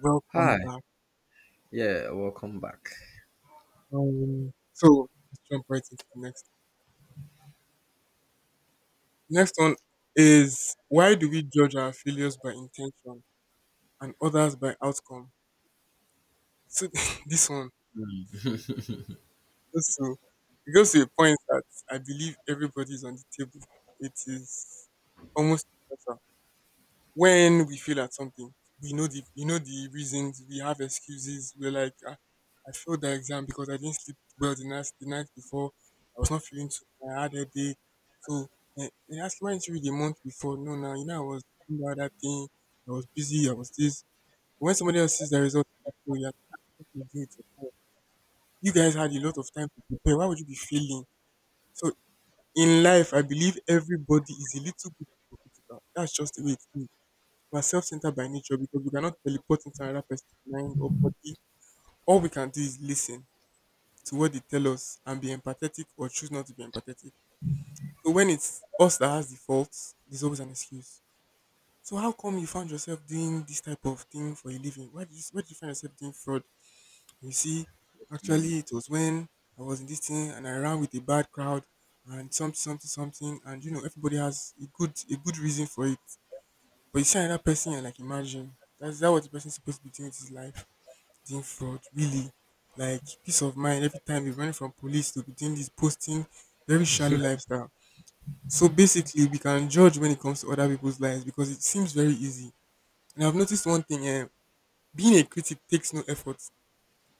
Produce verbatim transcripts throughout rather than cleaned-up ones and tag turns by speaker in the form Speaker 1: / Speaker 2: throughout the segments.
Speaker 1: Welcome
Speaker 2: Hi,
Speaker 1: back.
Speaker 2: yeah, welcome back.
Speaker 1: Um, so let's jump right into the next. The next one is, why do we judge our failures by intention and others by outcome? So this one goes to, it goes to a point that I believe everybody's on the table. It is almost, when we fail at something, we know the we know the reasons. We have excuses. We're like, ah, I failed the exam because I didn't sleep well the night the night before. I was not feeling too well, I had a day. So eh, they asked me, why didn't you read a month before? No, now you know I was doing the other thing. I was busy. I was this. When somebody else sees the result, they feel, "Yeah, you can do it yourself. You guys had a lot of time to prepare. Why would you be failing?" So in life, I believe everybody is a little bit hypocritical. That's just the way it is. We're self-centered by nature because we cannot teleport into another person's mind or body. All we can do is listen to what they tell us and be empathetic, or choose not to be empathetic. So when it's us that has the faults, there's always an excuse. So, how come you found yourself doing this type of thing for a living? Why did you, why did you find yourself doing fraud? And you see,
Speaker 2: Mhm.
Speaker 1: actually it was when I was in this thing and I ran with a bad crowd and something, something, something, and you know everybody has a good a good reason for it. But you see another person and like imagine, that's that what the person's supposed to be doing with his life. Doing fraud, really. Like, peace of mind, every time you running from police to be doing this posting, very shallow lifestyle. So basically we can judge when it comes to other people's lives because it seems very easy. And I've noticed one thing, eh, being a critic takes no effort.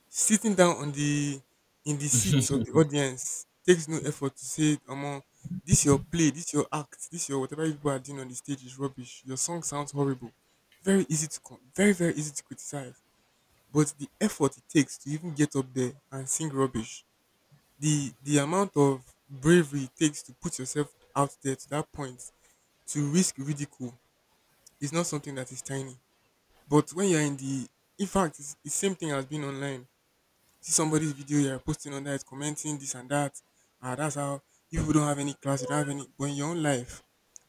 Speaker 1: Sitting down on the in the seats of the audience takes no effort to say, Omo, this your play, this your act, this your whatever you people are doing on the stage is rubbish. Your song sounds horrible. Very easy to come, very, very easy to criticize. But the effort it takes to even get up there and sing rubbish, the the amount of bravery it takes to put yourself out there to that point, to risk ridicule, is not something that is tiny. But when you're in the— in fact, it's the same thing as being online. See somebody's video, you're posting on that, commenting this and that. Ah, that's how you people don't have any class, you don't have any. But in your own life,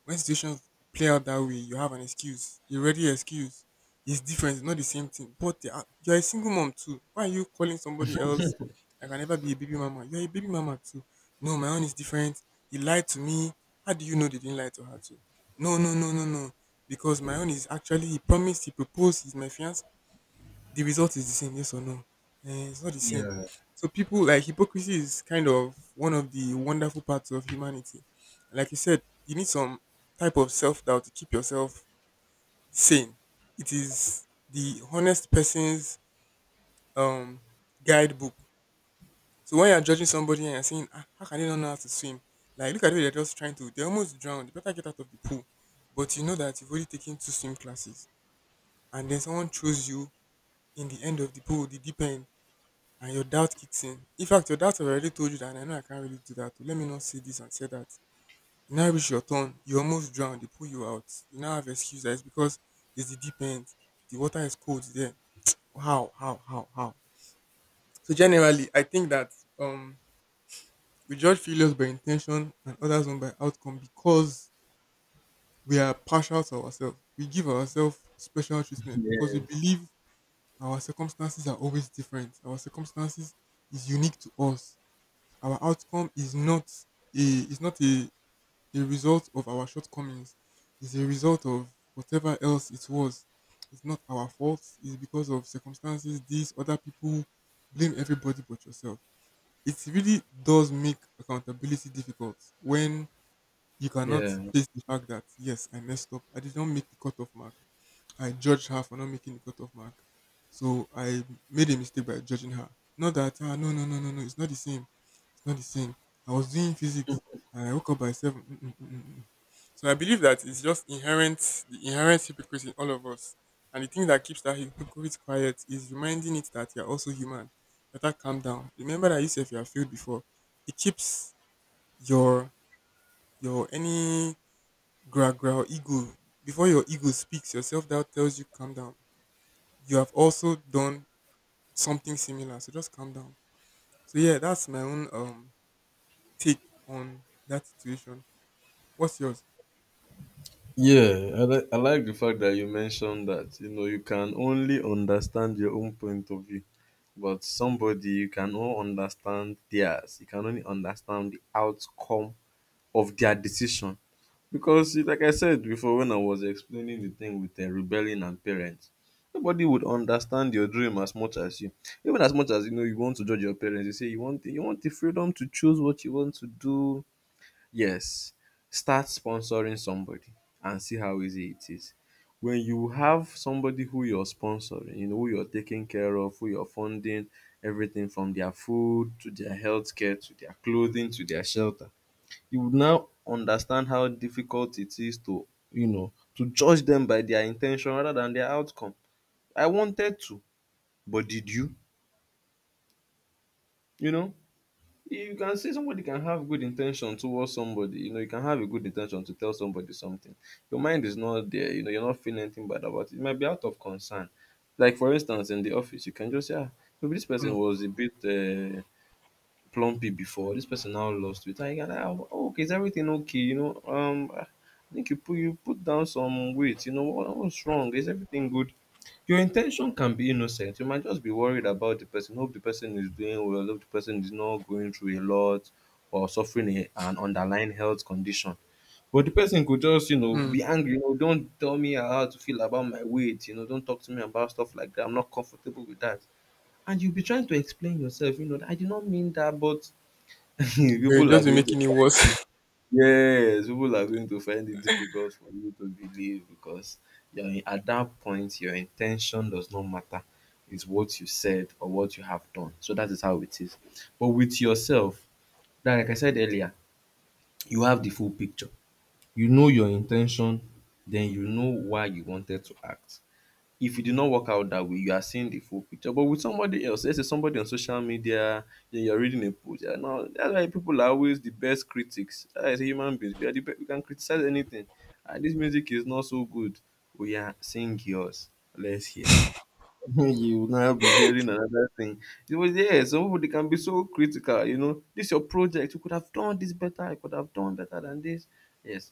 Speaker 1: when situations play out that way, you have an excuse. You already excuse. It's different. It's not the same thing. But they are— you're a single mom too. Why are you calling somebody else? I can never be a baby mama. You're a baby mama too. No, my own is different. He lied to me. How do you know they didn't lie to her too? No, no, no, no, no. Because my own is, actually he promised, he proposed, he's my fiance. The result is the same, yes or no? Eh, it's not the same.
Speaker 2: Yeah,
Speaker 1: So people, like, hypocrisy is kind of one of the wonderful parts of humanity. Like you said, you need some type of self doubt to keep yourself sane. It is the honest person's um guidebook. So when you're judging somebody and you're saying, ah, how can they not know how to swim? Like look at it, they're just trying to, they almost drowned. They better get out of the pool. But you know that you've already taken two swim classes, and then someone throws you in the end of the pool, the deep end, and your doubt kicks in. In fact, your doubt have already told you that, "And I know I can't really do that. So let me not say this and say that." You now reach your turn, you almost drown, they pull you out. You now have excuse that it's because it's the deep end. The water is cold there. How, how, how, how? So generally I think that um we judge failures by intention and others on by outcome because we are partial to ourselves. We give ourselves special treatment because we
Speaker 2: yes,
Speaker 1: believe our circumstances are always different. Our circumstances is unique to us. Our outcome is not a— is not a, a result of our shortcomings. It's a result of whatever else it was. It's not our fault. It's because of circumstances, these other people. Blame everybody but yourself. It really does make accountability difficult when you cannot
Speaker 2: yeah,
Speaker 1: face the fact that, yes, I messed up. I did not make the cutoff mark. I judged her for not making the cutoff mark. So I made a mistake by judging her. Not that, ah, no no no no no, it's not the same. It's not the same. I was doing physics and I woke up by seven. Mm, mm, mm, mm, mm. So I believe that it's just inherent, the inherent hypocrisy in all of us. And the thing that keeps that hypocrite quiet is reminding it that you're also human. Better calm down. Remember that you said you have failed before. It keeps your— your any growl growl ego, before your ego speaks, yourself that tells you, calm down, you have also done something similar, so just calm down. So yeah, that's my own um take on that situation. What's yours?
Speaker 2: Yeah, I, li- I like the fact that you mentioned that you know you can only understand your own point of view, but somebody you can only understand theirs. You can only understand the outcome of their decision. Because it- like I said before when I was explaining the thing with um rebelling and parents, nobody would understand your dream as much as you. Even as much as you know you want to judge your parents, you say you want you want the freedom to choose what you want to do. Yes, start sponsoring somebody and see how easy it is. When you have somebody who you're sponsoring, you know, who you're taking care of, who you're funding, everything from their food to their healthcare to their clothing to their shelter, you would now understand how difficult it is to, you know, to judge them by their intention rather than their outcome. I wanted to, but did you? You know, you can say somebody can have good intention towards somebody. You know, you can have a good intention to tell somebody something. Your mind is not there. You know, you're not feeling anything bad about it. It might be out of concern. Like for instance, in the office, you can just say, ah, maybe this person
Speaker 1: Mm,
Speaker 2: was a bit. Uh, plumpy before. This person now lost weight. And you're like, oh, oh, okay, is everything okay? You know, um, I think you put you put down some weight. You know, what, what's wrong? Is everything good? Your intention can be innocent. You might just be worried about the person. Hope the person is doing well. Hope the person is not going through a lot or suffering a, an underlying health condition. But the person could just, you know,
Speaker 1: mm.
Speaker 2: be angry. You know, don't tell me how to feel about my weight. You know, don't talk to me about stuff like that. I'm not comfortable with that, and you'll be trying to explain yourself, you know, I did not mean that, but
Speaker 1: We're
Speaker 2: people are
Speaker 1: just be
Speaker 2: going to
Speaker 1: making it
Speaker 2: find it.
Speaker 1: worse.
Speaker 2: Yes, people are going to find it difficult for you to believe because you're in, at that point your intention does not matter. It's what you said or what you have done. So that is how it is. But with yourself, that, like I said earlier, you have the full picture. You know your intention, then you know why you wanted to act. If it did not work out that way, you are seeing the full picture. But with somebody else, let's say somebody on social media, then you're reading a post. Yeah, now that's why people are always the best critics. As human beings, we are the best, we can criticize anything. Ah, this music is not so good. We are sing yours. Let's hear. you will now be hearing another thing. It was yeah, some people they can be so critical, you know. This your project, you could have done this better, I could have done better than this. Yes.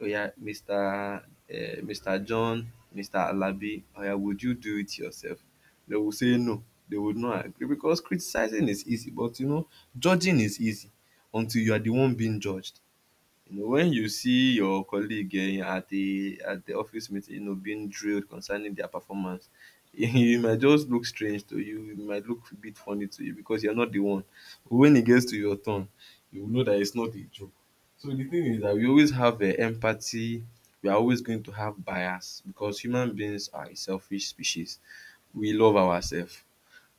Speaker 2: Oh yeah, mister Uh, mister John, mister Alabi, oh yeah, would you do it yourself? They will say no. They would not agree because criticizing is easy, but you know, judging is easy until you are the one being judged. You know, when you see your colleague um at a at the office meeting, you know, being drilled concerning their performance, it might just look strange to you, it might look a bit funny to you because you're not the one. But when it gets to your turn, you will know that it's not a joke. So the thing is that we always have um empathy, we are always going to have bias because human beings are a selfish species. We love ourselves.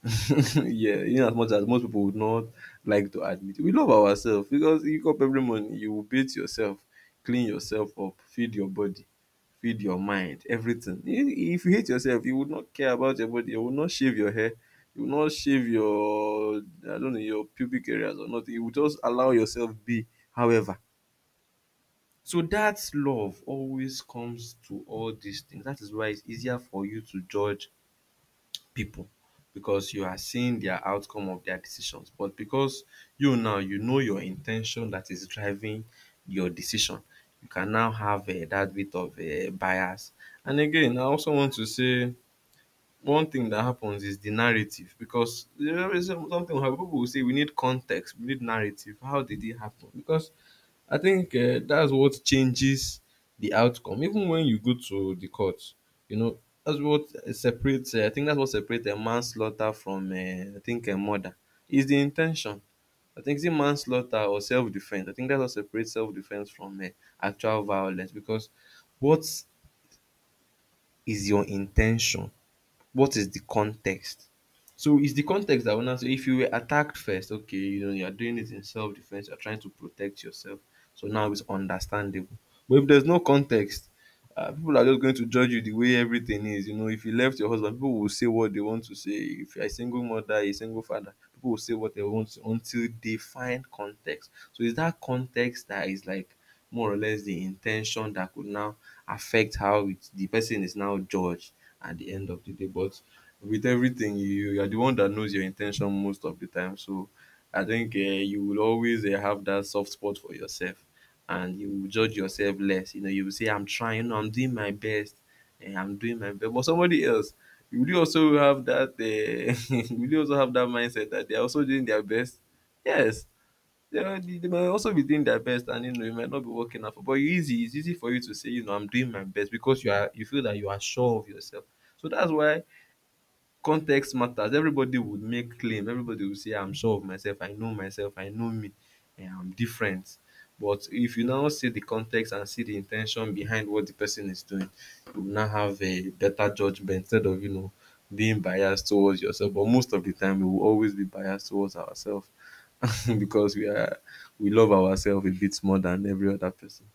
Speaker 2: yeah, you know, as much as most people would not like to admit, we love ourselves because you wake up every morning, you will beat yourself, clean yourself up, feed your body, feed your mind, everything. I- If you hate yourself, you would not care about your body, you would not shave your hair, you would not shave your, I don't know, your pubic areas or not. You would just allow yourself be, however. So that love always comes to all these things. That is why it's easier for you to judge people because you are seeing their outcome of their decisions. But because you now you know your in ten tion that is driving your decision, you can now have um dat bit of um bias. And again, I also want to say one thing that happens is the narrative because you know, there's some- something will happen. People will say we need context, we need narrative. How did it happen? Because I think uh, that's what changes the outcome. Even when you go to the court, you know that's what uh, separates. Uh, I think that's what separates a manslaughter from uh, I think a murder is the intention. I think it's manslaughter or self defense. I think that's what separates self defense from uh, actual violence because what is your intention? What is the context? So it's the context that will now say if you were attacked first, okay, you know, you are doing it in self defense, you're trying to protect yourself. So now it's understandable. But if there's no context, uh, people are just going to judge you the way everything is. You know, if you left your husband, people will say what they want to say. If you're a single mother, a single father, people will say what they want to until they find context. So it's that context that is like more or less the intention that could now affect how it, the person is now judged at the end of the day. But with everything, you you are the one that knows your intention most of the time. So I think uh, you will always uh, have that soft spot for yourself, and you will judge yourself less. You know, you will say, "I'm trying. I'm doing my best. eh, I'm doing my best." But somebody else, will you really also have that? Uh, will you really also have that mindset that they are also doing their best? Yes, you know, They they might also be doing their best and you know it might not be working out for but you easy it's easy for you to say you know I'm doing my best because you are you feel that you are sure of yourself. So that's why context matters. Everybody would make claim. Everybody would say I'm sure of myself, I know myself, I know me, and I'm different. But if you now see the context and see the intention behind what the person is doing, you will now have a better judgment instead of, you know, being biased towards yourself. But most of the time we will always be biased towards ourselves because we are we love ourselves a bit more than every other person.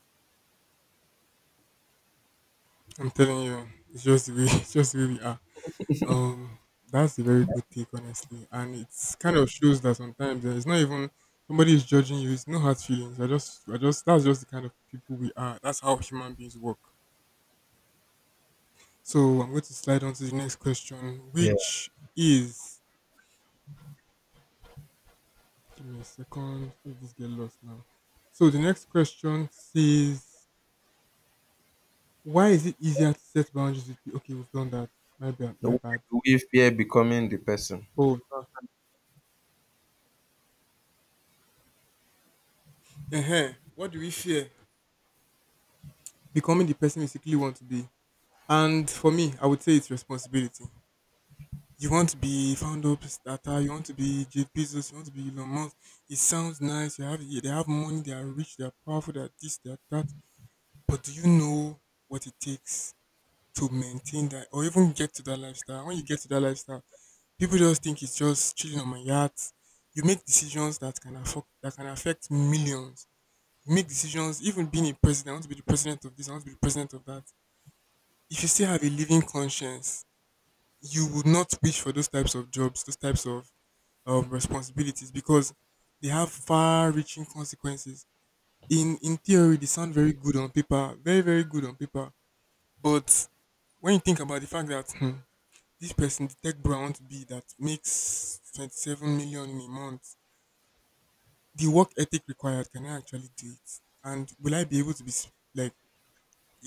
Speaker 1: I'm telling you, it's just the way, it's just the way we are. um that's a very good take, honestly, and it's kind of shows that sometimes, uh, it's not even somebody is judging you, it's no hard feelings, i just i just that's just the kind of people we are, that's how human beings work. So I'm going to slide on to the next question,
Speaker 2: Yeah.
Speaker 1: which is, give me a second, let this get lost now. So the next question says, why is it easier to set boundaries with people? Okay, we've done that. My bad. My
Speaker 2: No.
Speaker 1: bad.
Speaker 2: We fear becoming the person.
Speaker 1: Oh, uh, what do we fear? Becoming the person we secretly want to be. And for me, I would say it's responsibility. You want to be founder of Tata, you want to be Jeff Bezos, you want to be Elon Musk. It sounds nice. You have— they have money, they are rich, they are powerful, they are this, they are that. But do you know what it takes to maintain that or even get to that lifestyle? When you get to that lifestyle, people just think it's just chilling on my yacht. You make decisions that can affect— that can affect millions. You make decisions, even being a president. I want to be the president of this, I want to be the president of that. If you still have a living conscience, you would not wish for those types of jobs, those types of um, responsibilities, because they have far reaching consequences. In in theory, they sound very good on paper, very, very good on paper. But when you think about the fact that, hmm, this person, the tech bro I want to be, that makes twenty-seven million in a month, the work ethic required, can I actually do it? And will I be able to be, s- like,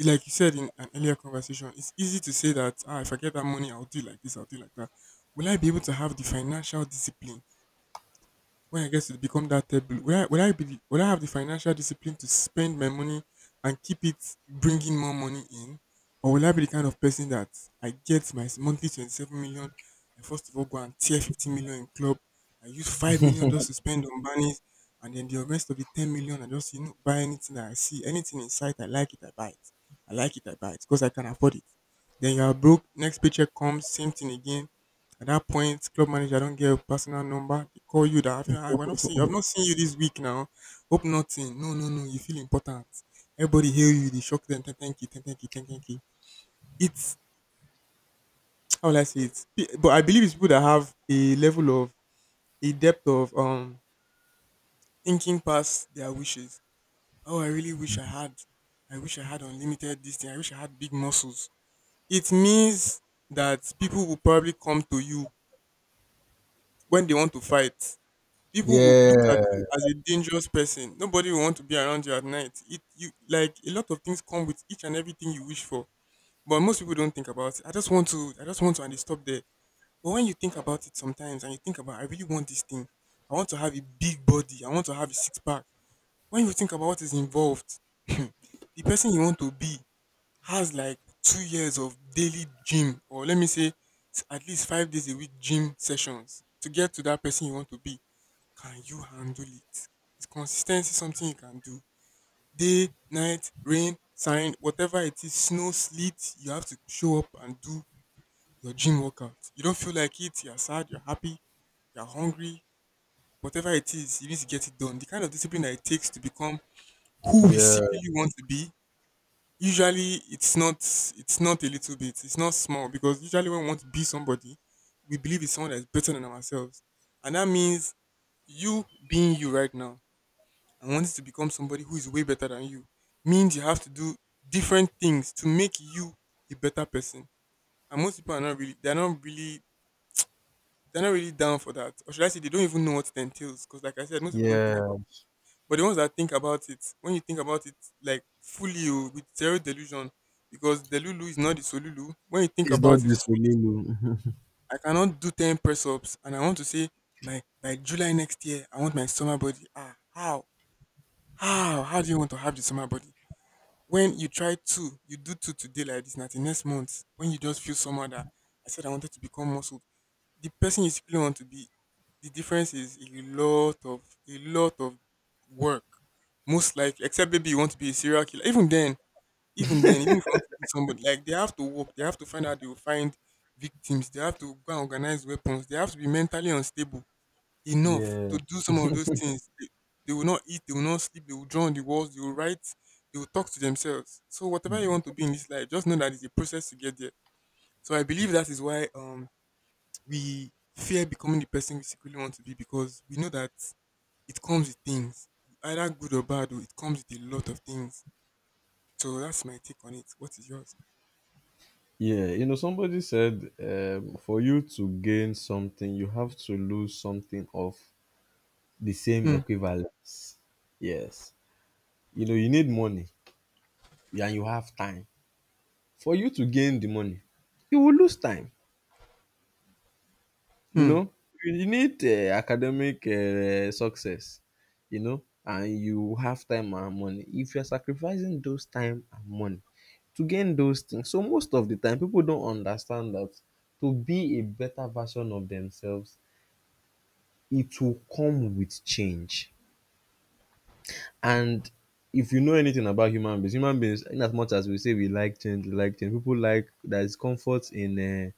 Speaker 1: like you said in an earlier conversation, it's easy to say that, ah, if I get that money, I'll do like this, I'll do like that. Will I be able to have the financial discipline when I get to become that table? Will I, will I be— the— will I have the financial discipline to spend my money and keep it bringing more money in, or will I be the kind of person that I get my monthly twenty-seven million, I first of all go and tear fifteen million in club, I use five million just to spend on bunnies, and then the rest of the ten million I just, you know, buy anything that I see, anything in sight, I like it, I buy it, I like it, I buy it because I can afford it. Then you are broke, next paycheck comes, same thing again. At that point, club manager don't get your personal number. They call you that, have you— I've not seen I've not seen you this week now. Hope nothing. No, no, no. You feel important. Everybody hail you. They shock them. Thank thank you. Thank thank you. Thank thank you. It's— how will I say it? P- But I believe it's people that have a level of, a depth of, um thinking past their wishes. Oh, I really wish I had. I wish I had unlimited this thing. I wish I had big muscles. It means that people will probably come to you when they want to fight. People will look at
Speaker 2: Yeah.
Speaker 1: you as a dangerous person. Nobody will want to be around you at night. It you like a lot of things come with each and everything you wish for, but most people don't think about it. I just want to, I just want to, and they stop there. But when you think about it sometimes, and you think about, I really want this thing. I want to have a big body. I want to have a six pack. When you think about what is involved, the person you want to be has like two years of daily gym, or let me say, s- at least five days a week gym sessions to get to that person you want to be. Can you handle it? Is consistency something you can do? Day, night, rain, sign, whatever it is, snow, sleet, you have to show up and do your gym workout. You don't feel like it, you're sad, you're happy, you're hungry, whatever it is, you need to get it done. The kind of discipline that it takes to become who we
Speaker 2: Yeah.
Speaker 1: secretly want to be. Usually it's not it's not a little bit, it's not small because usually when we want to be somebody, we believe it's someone that's better than ourselves. And that means you being you right now and wants to become somebody who is way better than you means you have to do different things to make you a better person. And most people are not really they're not really they're not really down for that. Or should I say they don't even know what it entails. Because like I said, most people don't think
Speaker 2: Yeah.
Speaker 1: about it. But the ones that think about it, when you think about it like fully, oh, with zero delusion, because the Lulu is not the Solulu, when you think
Speaker 2: It's not
Speaker 1: about it,
Speaker 2: this Olulu.
Speaker 1: I cannot do ten press ups and I want to say my by July next year I want my summer body. Ah, how? How? How do you want to have the summer body? When you try two, you do two today like this, na the next month when you just feel somehow that I said I wanted to become muscle, the person you secretly want to be, the difference is a lot of a lot of work. Most likely, except maybe you want to be a serial killer. Even then, even then, even if you want to be somebody, like they have to work, they have to find out they will find victims, they have to go and organize weapons, they have to be mentally unstable enough
Speaker 2: Yeah,
Speaker 1: to do some of those things. They, they will not eat, they will not sleep, they will draw on the walls, they will write, they will talk to themselves. So whatever you want to be in this life, just know that it's a process to get there. So I believe that is why um we fear becoming the person we secretly want to be because we know that it comes with things, either good or bad. Oh, it comes with a lot of things. So that's my take on it. What is yours?
Speaker 2: yeah. You know, somebody said um, for you to gain something, you have to lose something of the same
Speaker 1: Hmm.
Speaker 2: equivalence. Yes. You know, you need money, yeah, and you have time. For you to gain the money, you will lose time. You
Speaker 1: Hmm.
Speaker 2: know, you need uh, academic uh, success, you know, and you have time and money. If you're sacrificing those time and money to gain those things, so most of the time people don't understand that to be a better version of themselves, it will come with change. And if you know anything about human beings, human beings, in as much as we say we like change, we like change, people like there's comfort in uh,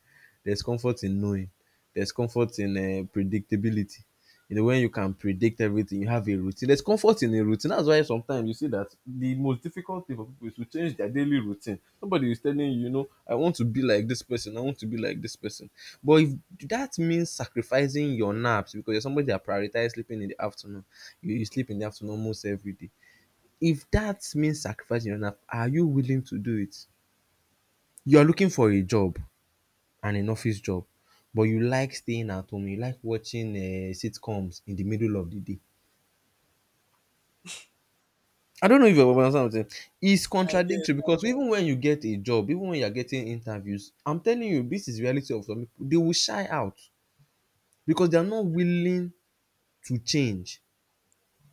Speaker 2: there's comfort in knowing, there's comfort in uh, predictability. You know when you can predict everything, you have a routine. There's comfort in a routine. That's why sometimes you see that the most difficult thing for people is to change their daily routine. Somebody is telling you, you know, I want to be like this person, i want to be like this person but if that means sacrificing your naps because you're somebody that prioritizes sleeping in the afternoon, you, you sleep in the afternoon almost every day, if that means sacrificing your nap, are you willing to do it? You are looking for a job, and an office job, but you like staying at home, you like watching uh, sitcoms in the middle of the day. I don't know if you understand what I'm saying. It's
Speaker 1: I guess.
Speaker 2: contradictory because even when you get a job, even when you're getting interviews, I'm telling you, this is reality of some people. They will shy out because they are not willing to change.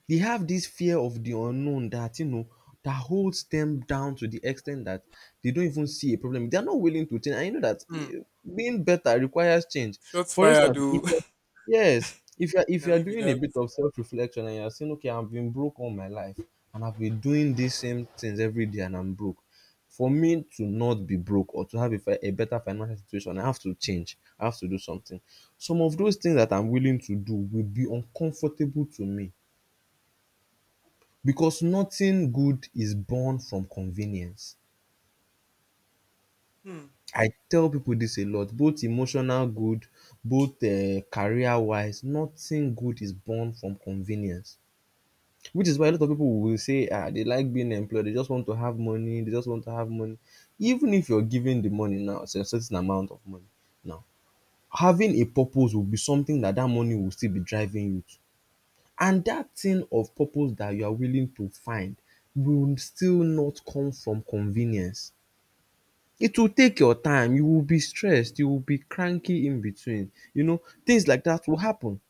Speaker 2: They have this fear of the unknown that you know that holds them down to the extent that they don't even see a problem. They are not willing to change. I know that
Speaker 1: Hmm.
Speaker 2: eh, being better requires change.
Speaker 1: Shots
Speaker 2: For
Speaker 1: fired,
Speaker 2: instance, if
Speaker 1: though.
Speaker 2: you're, yes, if you're if
Speaker 1: Now
Speaker 2: you're
Speaker 1: maybe
Speaker 2: doing a
Speaker 1: that.
Speaker 2: bit of self-reflection and you're saying, okay, I've been broke all my life and I've been doing these same things every day and I'm broke. For me to not be broke or to have a, fi- a better financial situation, I have to change. I have to do something. Some of those things that I'm willing to do will be uncomfortable to me because nothing good is born from convenience.
Speaker 1: Hmm.
Speaker 2: I tell people this a lot, both emotional good, both um career wise, nothing good is born from convenience. Which is why a lot of people will say, "Ah, they like being employed, they just want to have money, they just want to have money. Even if you're giving the money now, it's a certain amount of money now, having a purpose will be something that that money will still be driving you to. And that thing of purpose that you are willing to find will still not come from convenience. It will take your time. You will be stressed. You will be cranky in between. You know, things like that will happen.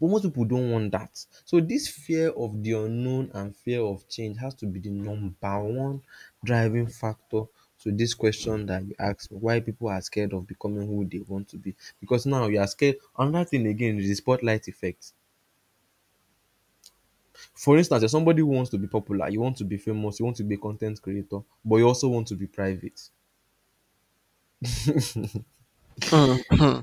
Speaker 2: But most people don't want that. So this fear of the unknown and fear of change has to be the number one driving factor to this question that you asked me, why people are scared of becoming who they want to be. Because now you are scared. Another thing again is the spotlight effect. For instance, if somebody wants to be popular, you want to be famous, you want to be a content creator, but you also want to be private.
Speaker 1: Hmm. Hmm.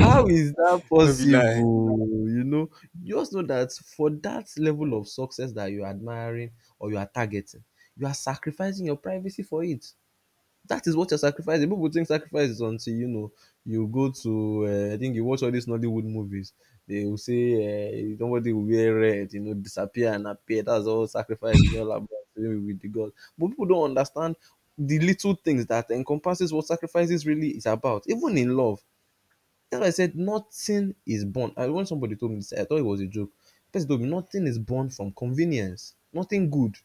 Speaker 2: How is that
Speaker 1: No be lie.
Speaker 2: possible? You know, you just know that for that level of success that you're admiring or you are targeting, you are sacrificing your privacy for it. That is what you're sacrificing. People think sacrifice is until you know you go to uh, I think you watch all these Nollywood movies. They will say uh, nobody will wear red, you know, disappear and appear. That's all sacrifice is all about, being with the God. But people don't understand the little things that encompasses what sacrifices really is about, even in love. That's why I said nothing is born. I When somebody told me this, I thought it was a joke. Person told me nothing is born from convenience. Nothing good.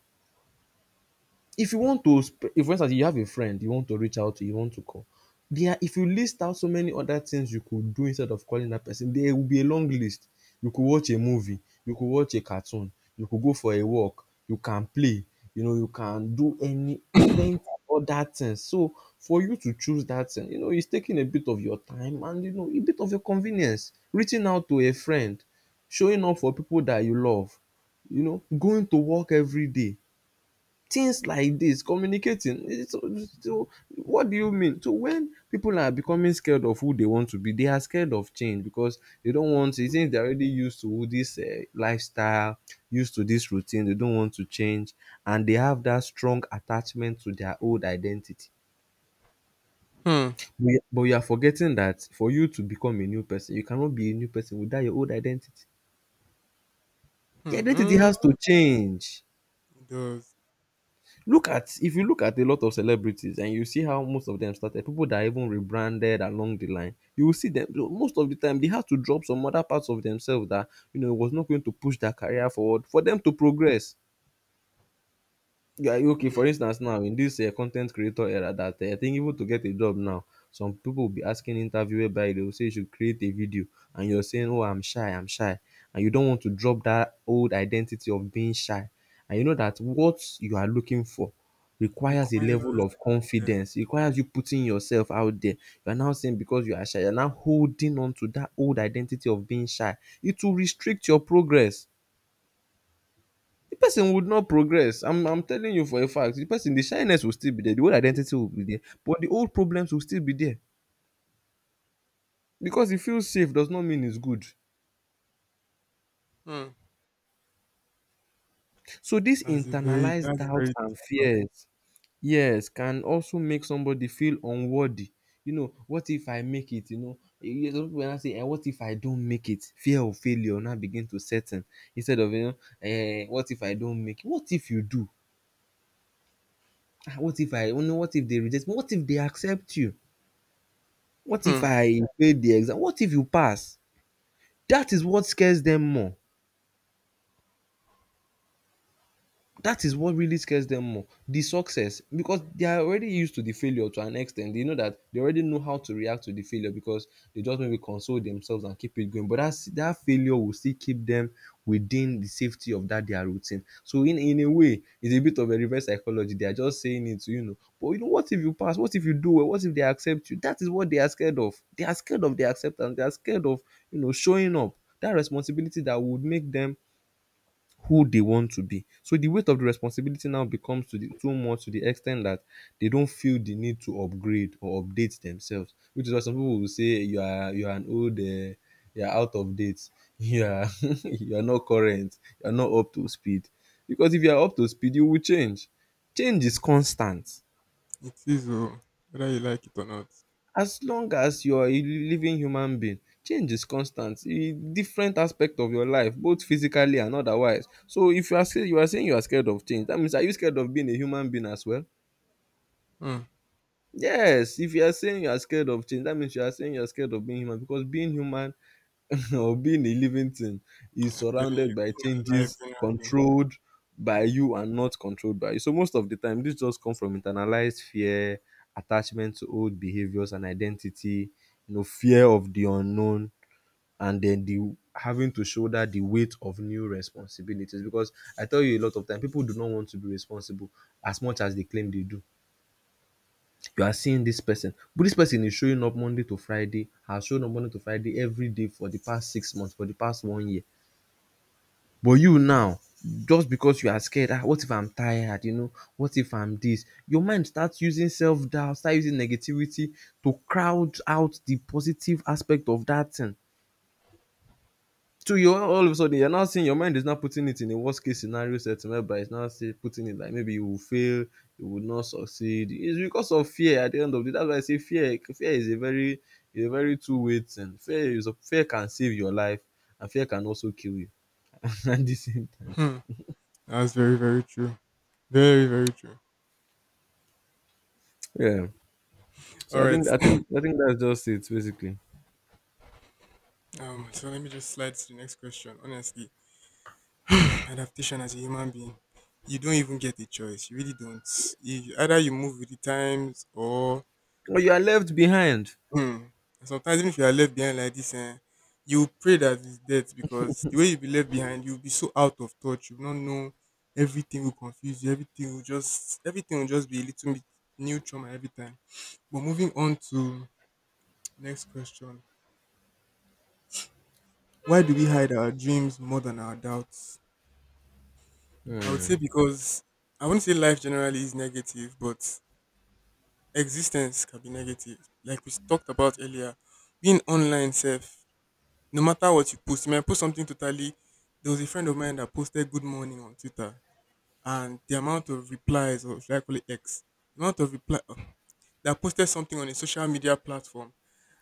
Speaker 2: If you want to sp- if for instance you have a friend you want to reach out to, you want to call, there, if you list out so many other things you could do instead of calling that person, there will be a long list. You could watch a movie, you could watch a cartoon, you could go for a walk, you can play, you know, you can do any plenty of other things. So for you to choose that thing, you know, it's taking a bit of your time and, you know, a bit of your convenience, reaching out to a friend, showing up for people that you love, you know, going to work every day, things like this, communicating, it's, so what do you mean? So when people are becoming scared of who they want to be, they are scared of change because they don't want to, since they're already used to this uh, lifestyle, used to this routine, they don't want to change, and they have that strong attachment to their old identity.
Speaker 1: Hmm.
Speaker 2: We- but you are forgetting that for you to become a new person, you cannot be a new person without your old identity. The identity has
Speaker 1: Mm-hmm.
Speaker 2: to change.
Speaker 1: It does.
Speaker 2: Look at if you look at a lot of celebrities and you see how most of them started, people that even rebranded along the line, you will see them most of the time they had to drop some other parts of themselves that, you know, was not going to push their career forward for them to progress. Yeah, okay, for instance now, in this um con ten t creator era, that um I think even to get a job now, some people will be asking interview whereby they will say you should create a video, and you're saying, oh, I'm shy, I'm shy, and you don't want to drop that old identity of being shy. And you know that what you are looking for requires a level
Speaker 1: Requires
Speaker 2: of
Speaker 1: that.
Speaker 2: confidence, it requires you putting yourself out there. You are now saying, because you are shy, you are now holding on to that old identity of being shy, it will restrict your progress. The person would not progress. I'm i'm telling you for a fact, the person, the shyness will still be there, the old identity will be there, but the old problems will still be there. Because it feels safe does not mean it's good.
Speaker 1: Mm.
Speaker 2: So this
Speaker 1: That's a very,
Speaker 2: internalized
Speaker 1: that's
Speaker 2: doubt
Speaker 1: very deep
Speaker 2: and
Speaker 1: one.
Speaker 2: fears, yes, can also make somebody feel unworthy. You know, what if I make it? You know, you hear some people now say, eh, what if I don't make it? Fear of failure now begin to set in. Instead of, you know, eh, what if I don't make it? What if you do? Ah, what if I, you know, what if they reject me? What if they accept you? What if
Speaker 1: Mm.
Speaker 2: I fail the exam? What if you pass? That is what scares them more. That is what really scares them more, the success, because they are already used to the failure, to an extent they know that, they already know how to react to the failure because they just maybe console themselves and keep it going, but that's that failure will still keep them within the safety of that their routine. So in in a way, it's a bit of a reverse psychology. They are just saying it to, you know, but you know, what if you pass? What if you do well? What if they accept you? That is what they are scared of. They are scared of their acceptance, they are scared of, you know, showing up, that responsibility that would make them who they want to be. So the weight of the responsibility now becomes to the too much, to the extent that they don't feel the need to upgrade or update themselves. Which is why some people will say you are, you are an old, uh, you are out of date, you are you are not current, you are not up to speed. Because if you are up to speed, you will change. Change is constant.
Speaker 1: It is, oh, whether you like it or not.
Speaker 2: As long as you are a living human being, change is constant in different aspect of your life, both physically and otherwise. So if you are, say, you are saying you are scared of change, that means, are you scared of being a human being as well?
Speaker 1: Mm.
Speaker 2: Yes, if you are saying you are scared of change, that means you are saying you are scared of being human, because being human or being a living thing is
Speaker 1: I'm telling you,
Speaker 2: surrounded by
Speaker 1: life
Speaker 2: changes,
Speaker 1: generally.
Speaker 2: controlled by you and not controlled by you. So most of the time, this just comes from internalized fear, attachment to old behaviors and identity, you know, fear of the unknown, and then the having to shoulder the weight of new responsibilities. Because I tell you a lot of time, people do not want to be responsible as much as they claim they do. You are seeing this person, but this person is showing up Monday to Friday, has shown up Monday to Friday every day for the past six months, for the past one year, but you now, just because you are scared, ah, what if I'm tired? You know, what if I'm this? Your mind starts using self doubt, start using negativity to crowd out the positive aspect of that thing. So you, all all of a sudden, you're now seeing your mind is now putting it in a worst case scenario setting whereby it's now, say, putting it like, maybe you will fail, you will not succeed. It's because of fear at the end of the day. That's why I say fear fear is a very, is a very two way thing. Fear is a, fear can save your life, and fear can also kill you at the same time.
Speaker 1: Hmm. That's very very true. Very very true.
Speaker 2: Yeah. So
Speaker 1: All
Speaker 2: I think
Speaker 1: right.
Speaker 2: I think I think that's just it basically.
Speaker 1: Um. So let me just slide to the next question. Honestly, adaptation as a human being, you don't even get a choice. You really don't. You, either you move with the times or.
Speaker 2: Or you are left behind.
Speaker 1: Hmm. Sometimes even if you are left behind like this, eh, you pray that it's death because the way you'll be left behind, you'll be so out of touch. You'll not know. Everything will confuse you, everything will just everything will just be a little bit new trauma every time. But moving on to next question. Why do we hide our dreams more than our doubts? I would
Speaker 2: Hmm.
Speaker 1: say because I wouldn't say life generally is negative, but existence can be negative. Like we talked about earlier, being online self, no matter what you post, you might post something totally. There was a friend of mine that posted good morning on Twitter, and the amount of replies, or should I call it X, the amount of reply uh, that posted something on a social media platform,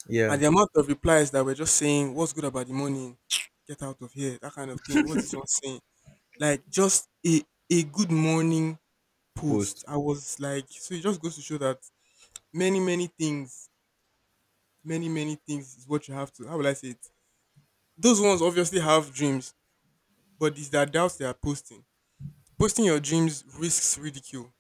Speaker 2: Yeah.
Speaker 1: and the amount of replies that were just saying, "What's good about the morning? Get out of here," that kind of thing. What's this one saying? Like just a a good morning post.
Speaker 2: Post.
Speaker 1: I was like, so it just goes to show that many many things, many many things is what you have to. How will I say it? Those ones obviously have dreams but it's the doubts they are posting. Posting your dreams risks ridicule.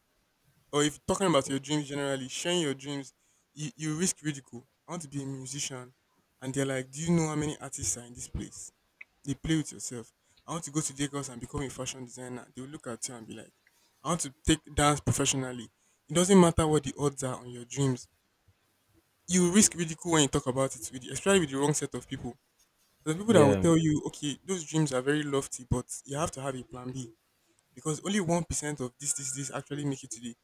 Speaker 1: Or if talking about your dreams generally, sharing your dreams, you, you risk ridicule. I want to be a musician. And they're like, do you know how many artists are in this place? They play with yourself. I want to go to Lagos and become a fashion designer. They will look at you and be like, I want to take dance professionally. It doesn't matter what the odds are on your dreams. You risk ridicule when you talk about it, with, especially with the wrong set of people. The people that will
Speaker 2: Yeah.
Speaker 1: tell you, okay, those dreams are very lofty, but you have to have a plan B because only one percent of this this this actually make it to the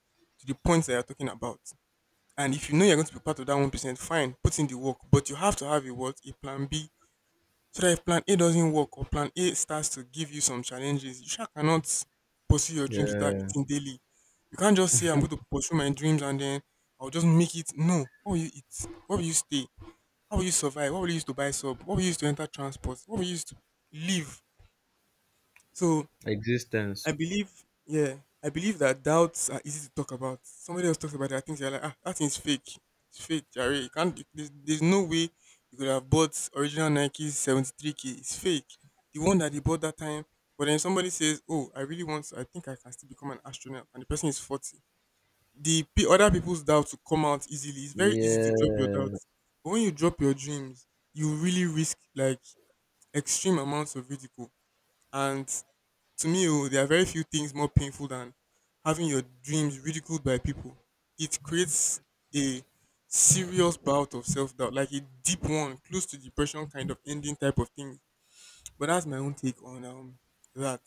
Speaker 1: to the points that you're talking about. And if you know you're going to be part of that one percent, fine, put in the work. But you have to have a what a plan B so that if plan A doesn't work or plan A starts to give you some challenges, you sure cannot pursue your dreams without
Speaker 2: Yeah.
Speaker 1: eating daily. You can't just say I'm going to pursue my dreams and then I'll just make it. No, what will you eat? What will you stay? How will you survive? What will you use to buy sub? What will you use to enter transport? What will you use to live? So
Speaker 2: Existence.
Speaker 1: I believe, yeah, I believe that doubts are easy to talk about. Somebody else talks about their things, you're like, ah, that thing's fake. It's fake, Jerry. You can't. There's, there's no way you could have bought original Nike's seventy-three k. It's fake. The one that they bought that time. But then somebody says, oh, I really want. To, I think I can still become an astronaut, and the person is forty. The pe- other people's doubts will come out easily. It's very easy to drop your
Speaker 2: Yeah.
Speaker 1: doubts, but when you drop your dreams, you really risk like extreme amounts of ridicule. And to me, oh, there are very few things more painful than having your dreams ridiculed by people. It creates a serious bout of self doubt, like a deep one, close to depression kind of ending type of thing. But that's my own take on um that.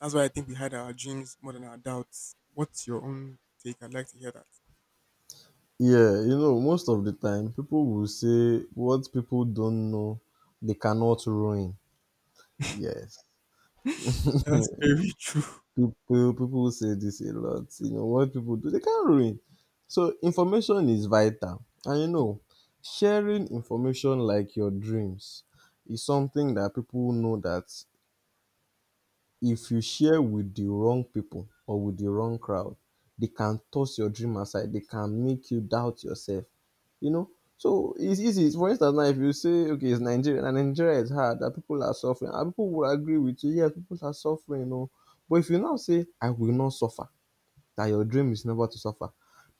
Speaker 1: That's why I think we had our dreams more than our doubts. What's your own take? I'd like to hear that.
Speaker 2: Yeah, you know, most of the time people will say what people don't know they cannot ruin. Yes.
Speaker 1: That's very true.
Speaker 2: People people say this a lot. You know, what people do, they can't ruin. So information is vital. And you know, sharing information like your dreams is something that people know that if you share with the wrong people or with the wrong crowd, they can toss your dream aside. They can make you doubt yourself. You know, so it's easy. For instance, now if you say, okay, it's Nigeria and Nigeria is hard, that people are suffering, and people will agree with you. Yes, people are suffering. No, but if you now say, I will not suffer, that your dream is never to suffer,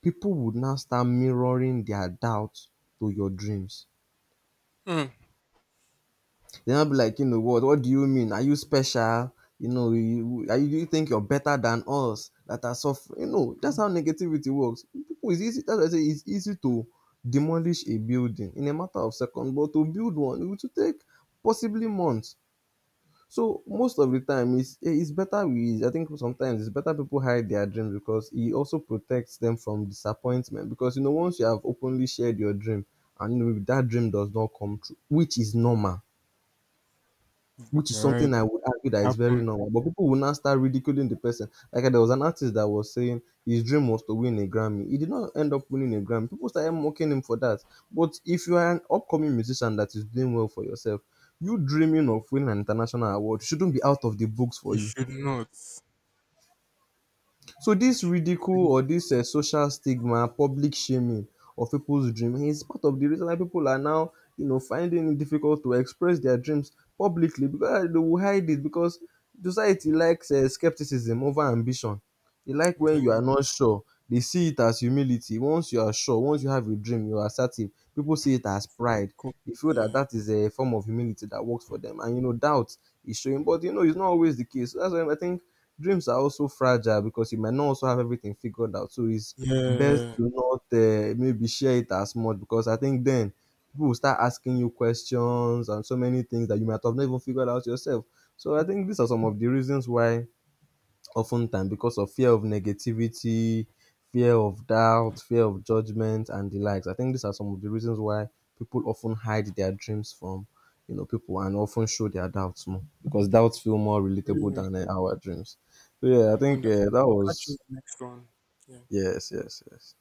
Speaker 2: people would now start mirroring their doubts to your dreams.
Speaker 1: Hmm.
Speaker 2: They'll not be like, you know, what? What do you mean? Are you special? You know, you, are you, do you think you're better than us that are suffering? You know, that's how negativity works. People, it's easy. That's why I say it's easy to demolish a building in a matter of seconds, but to build one, it will take possibly months. So most of the time, it's eh, it's better we. I think sometimes it's better people hide their dreams because it also protects them from disappointment. Because you know, once you have openly shared your dream, and you know, if that dream does not come true, which is normal, which is
Speaker 1: You're right.
Speaker 2: something
Speaker 1: It
Speaker 2: I would argue that is very
Speaker 1: happened.
Speaker 2: normal, but people will now start ridiculing the person. Like, there was an artist that was saying his dream was to win a Grammy. He did not end up winning a Grammy. People started mocking him for that. But if you are an upcoming musician that is doing well for yourself, you dreaming of winning an international award shouldn't be out of the books for
Speaker 1: It
Speaker 2: you.
Speaker 1: should not.
Speaker 2: So
Speaker 1: It
Speaker 2: this
Speaker 1: should.
Speaker 2: ridicule or this uh, social stigma, public shaming of people's dream is part of the reason why people are now, you know, finding it difficult to express their dreams publicly, because eh, they will hide it because society likes uh, skepticism over ambition. They like
Speaker 1: I'm
Speaker 2: when you
Speaker 1: telling
Speaker 2: are
Speaker 1: you.
Speaker 2: not sure. They see it as humility. Once you are sure, once you have a dream, you are assertive. People see it as pride.
Speaker 1: co-
Speaker 2: They feel that
Speaker 1: Yeah.
Speaker 2: that is a form of humility that works for them. And you know, doubt is showing, but you know, it's not always the case. So that's why I think dreams are also fragile because you might not also have everything figured out. So it's best
Speaker 1: Yeah.
Speaker 2: to not uh, maybe share it as much, because I think then people will start asking you questions and so many things that you might have not even figured out yourself. So I think these are some of the reasons why, oftentimes, because of fear of negativity, fear of doubt, fear of judgment, and the likes. I think these are some of the reasons why people often hide their dreams from, you know, people, and often show their doubts more because doubts feel more relatable
Speaker 1: Very
Speaker 2: than uh, our dreams. So yeah, I think uh,
Speaker 1: wonderful.
Speaker 2: that
Speaker 1: I'll catch you
Speaker 2: was,
Speaker 1: in the next one. Yeah.
Speaker 2: yes, yes, yes.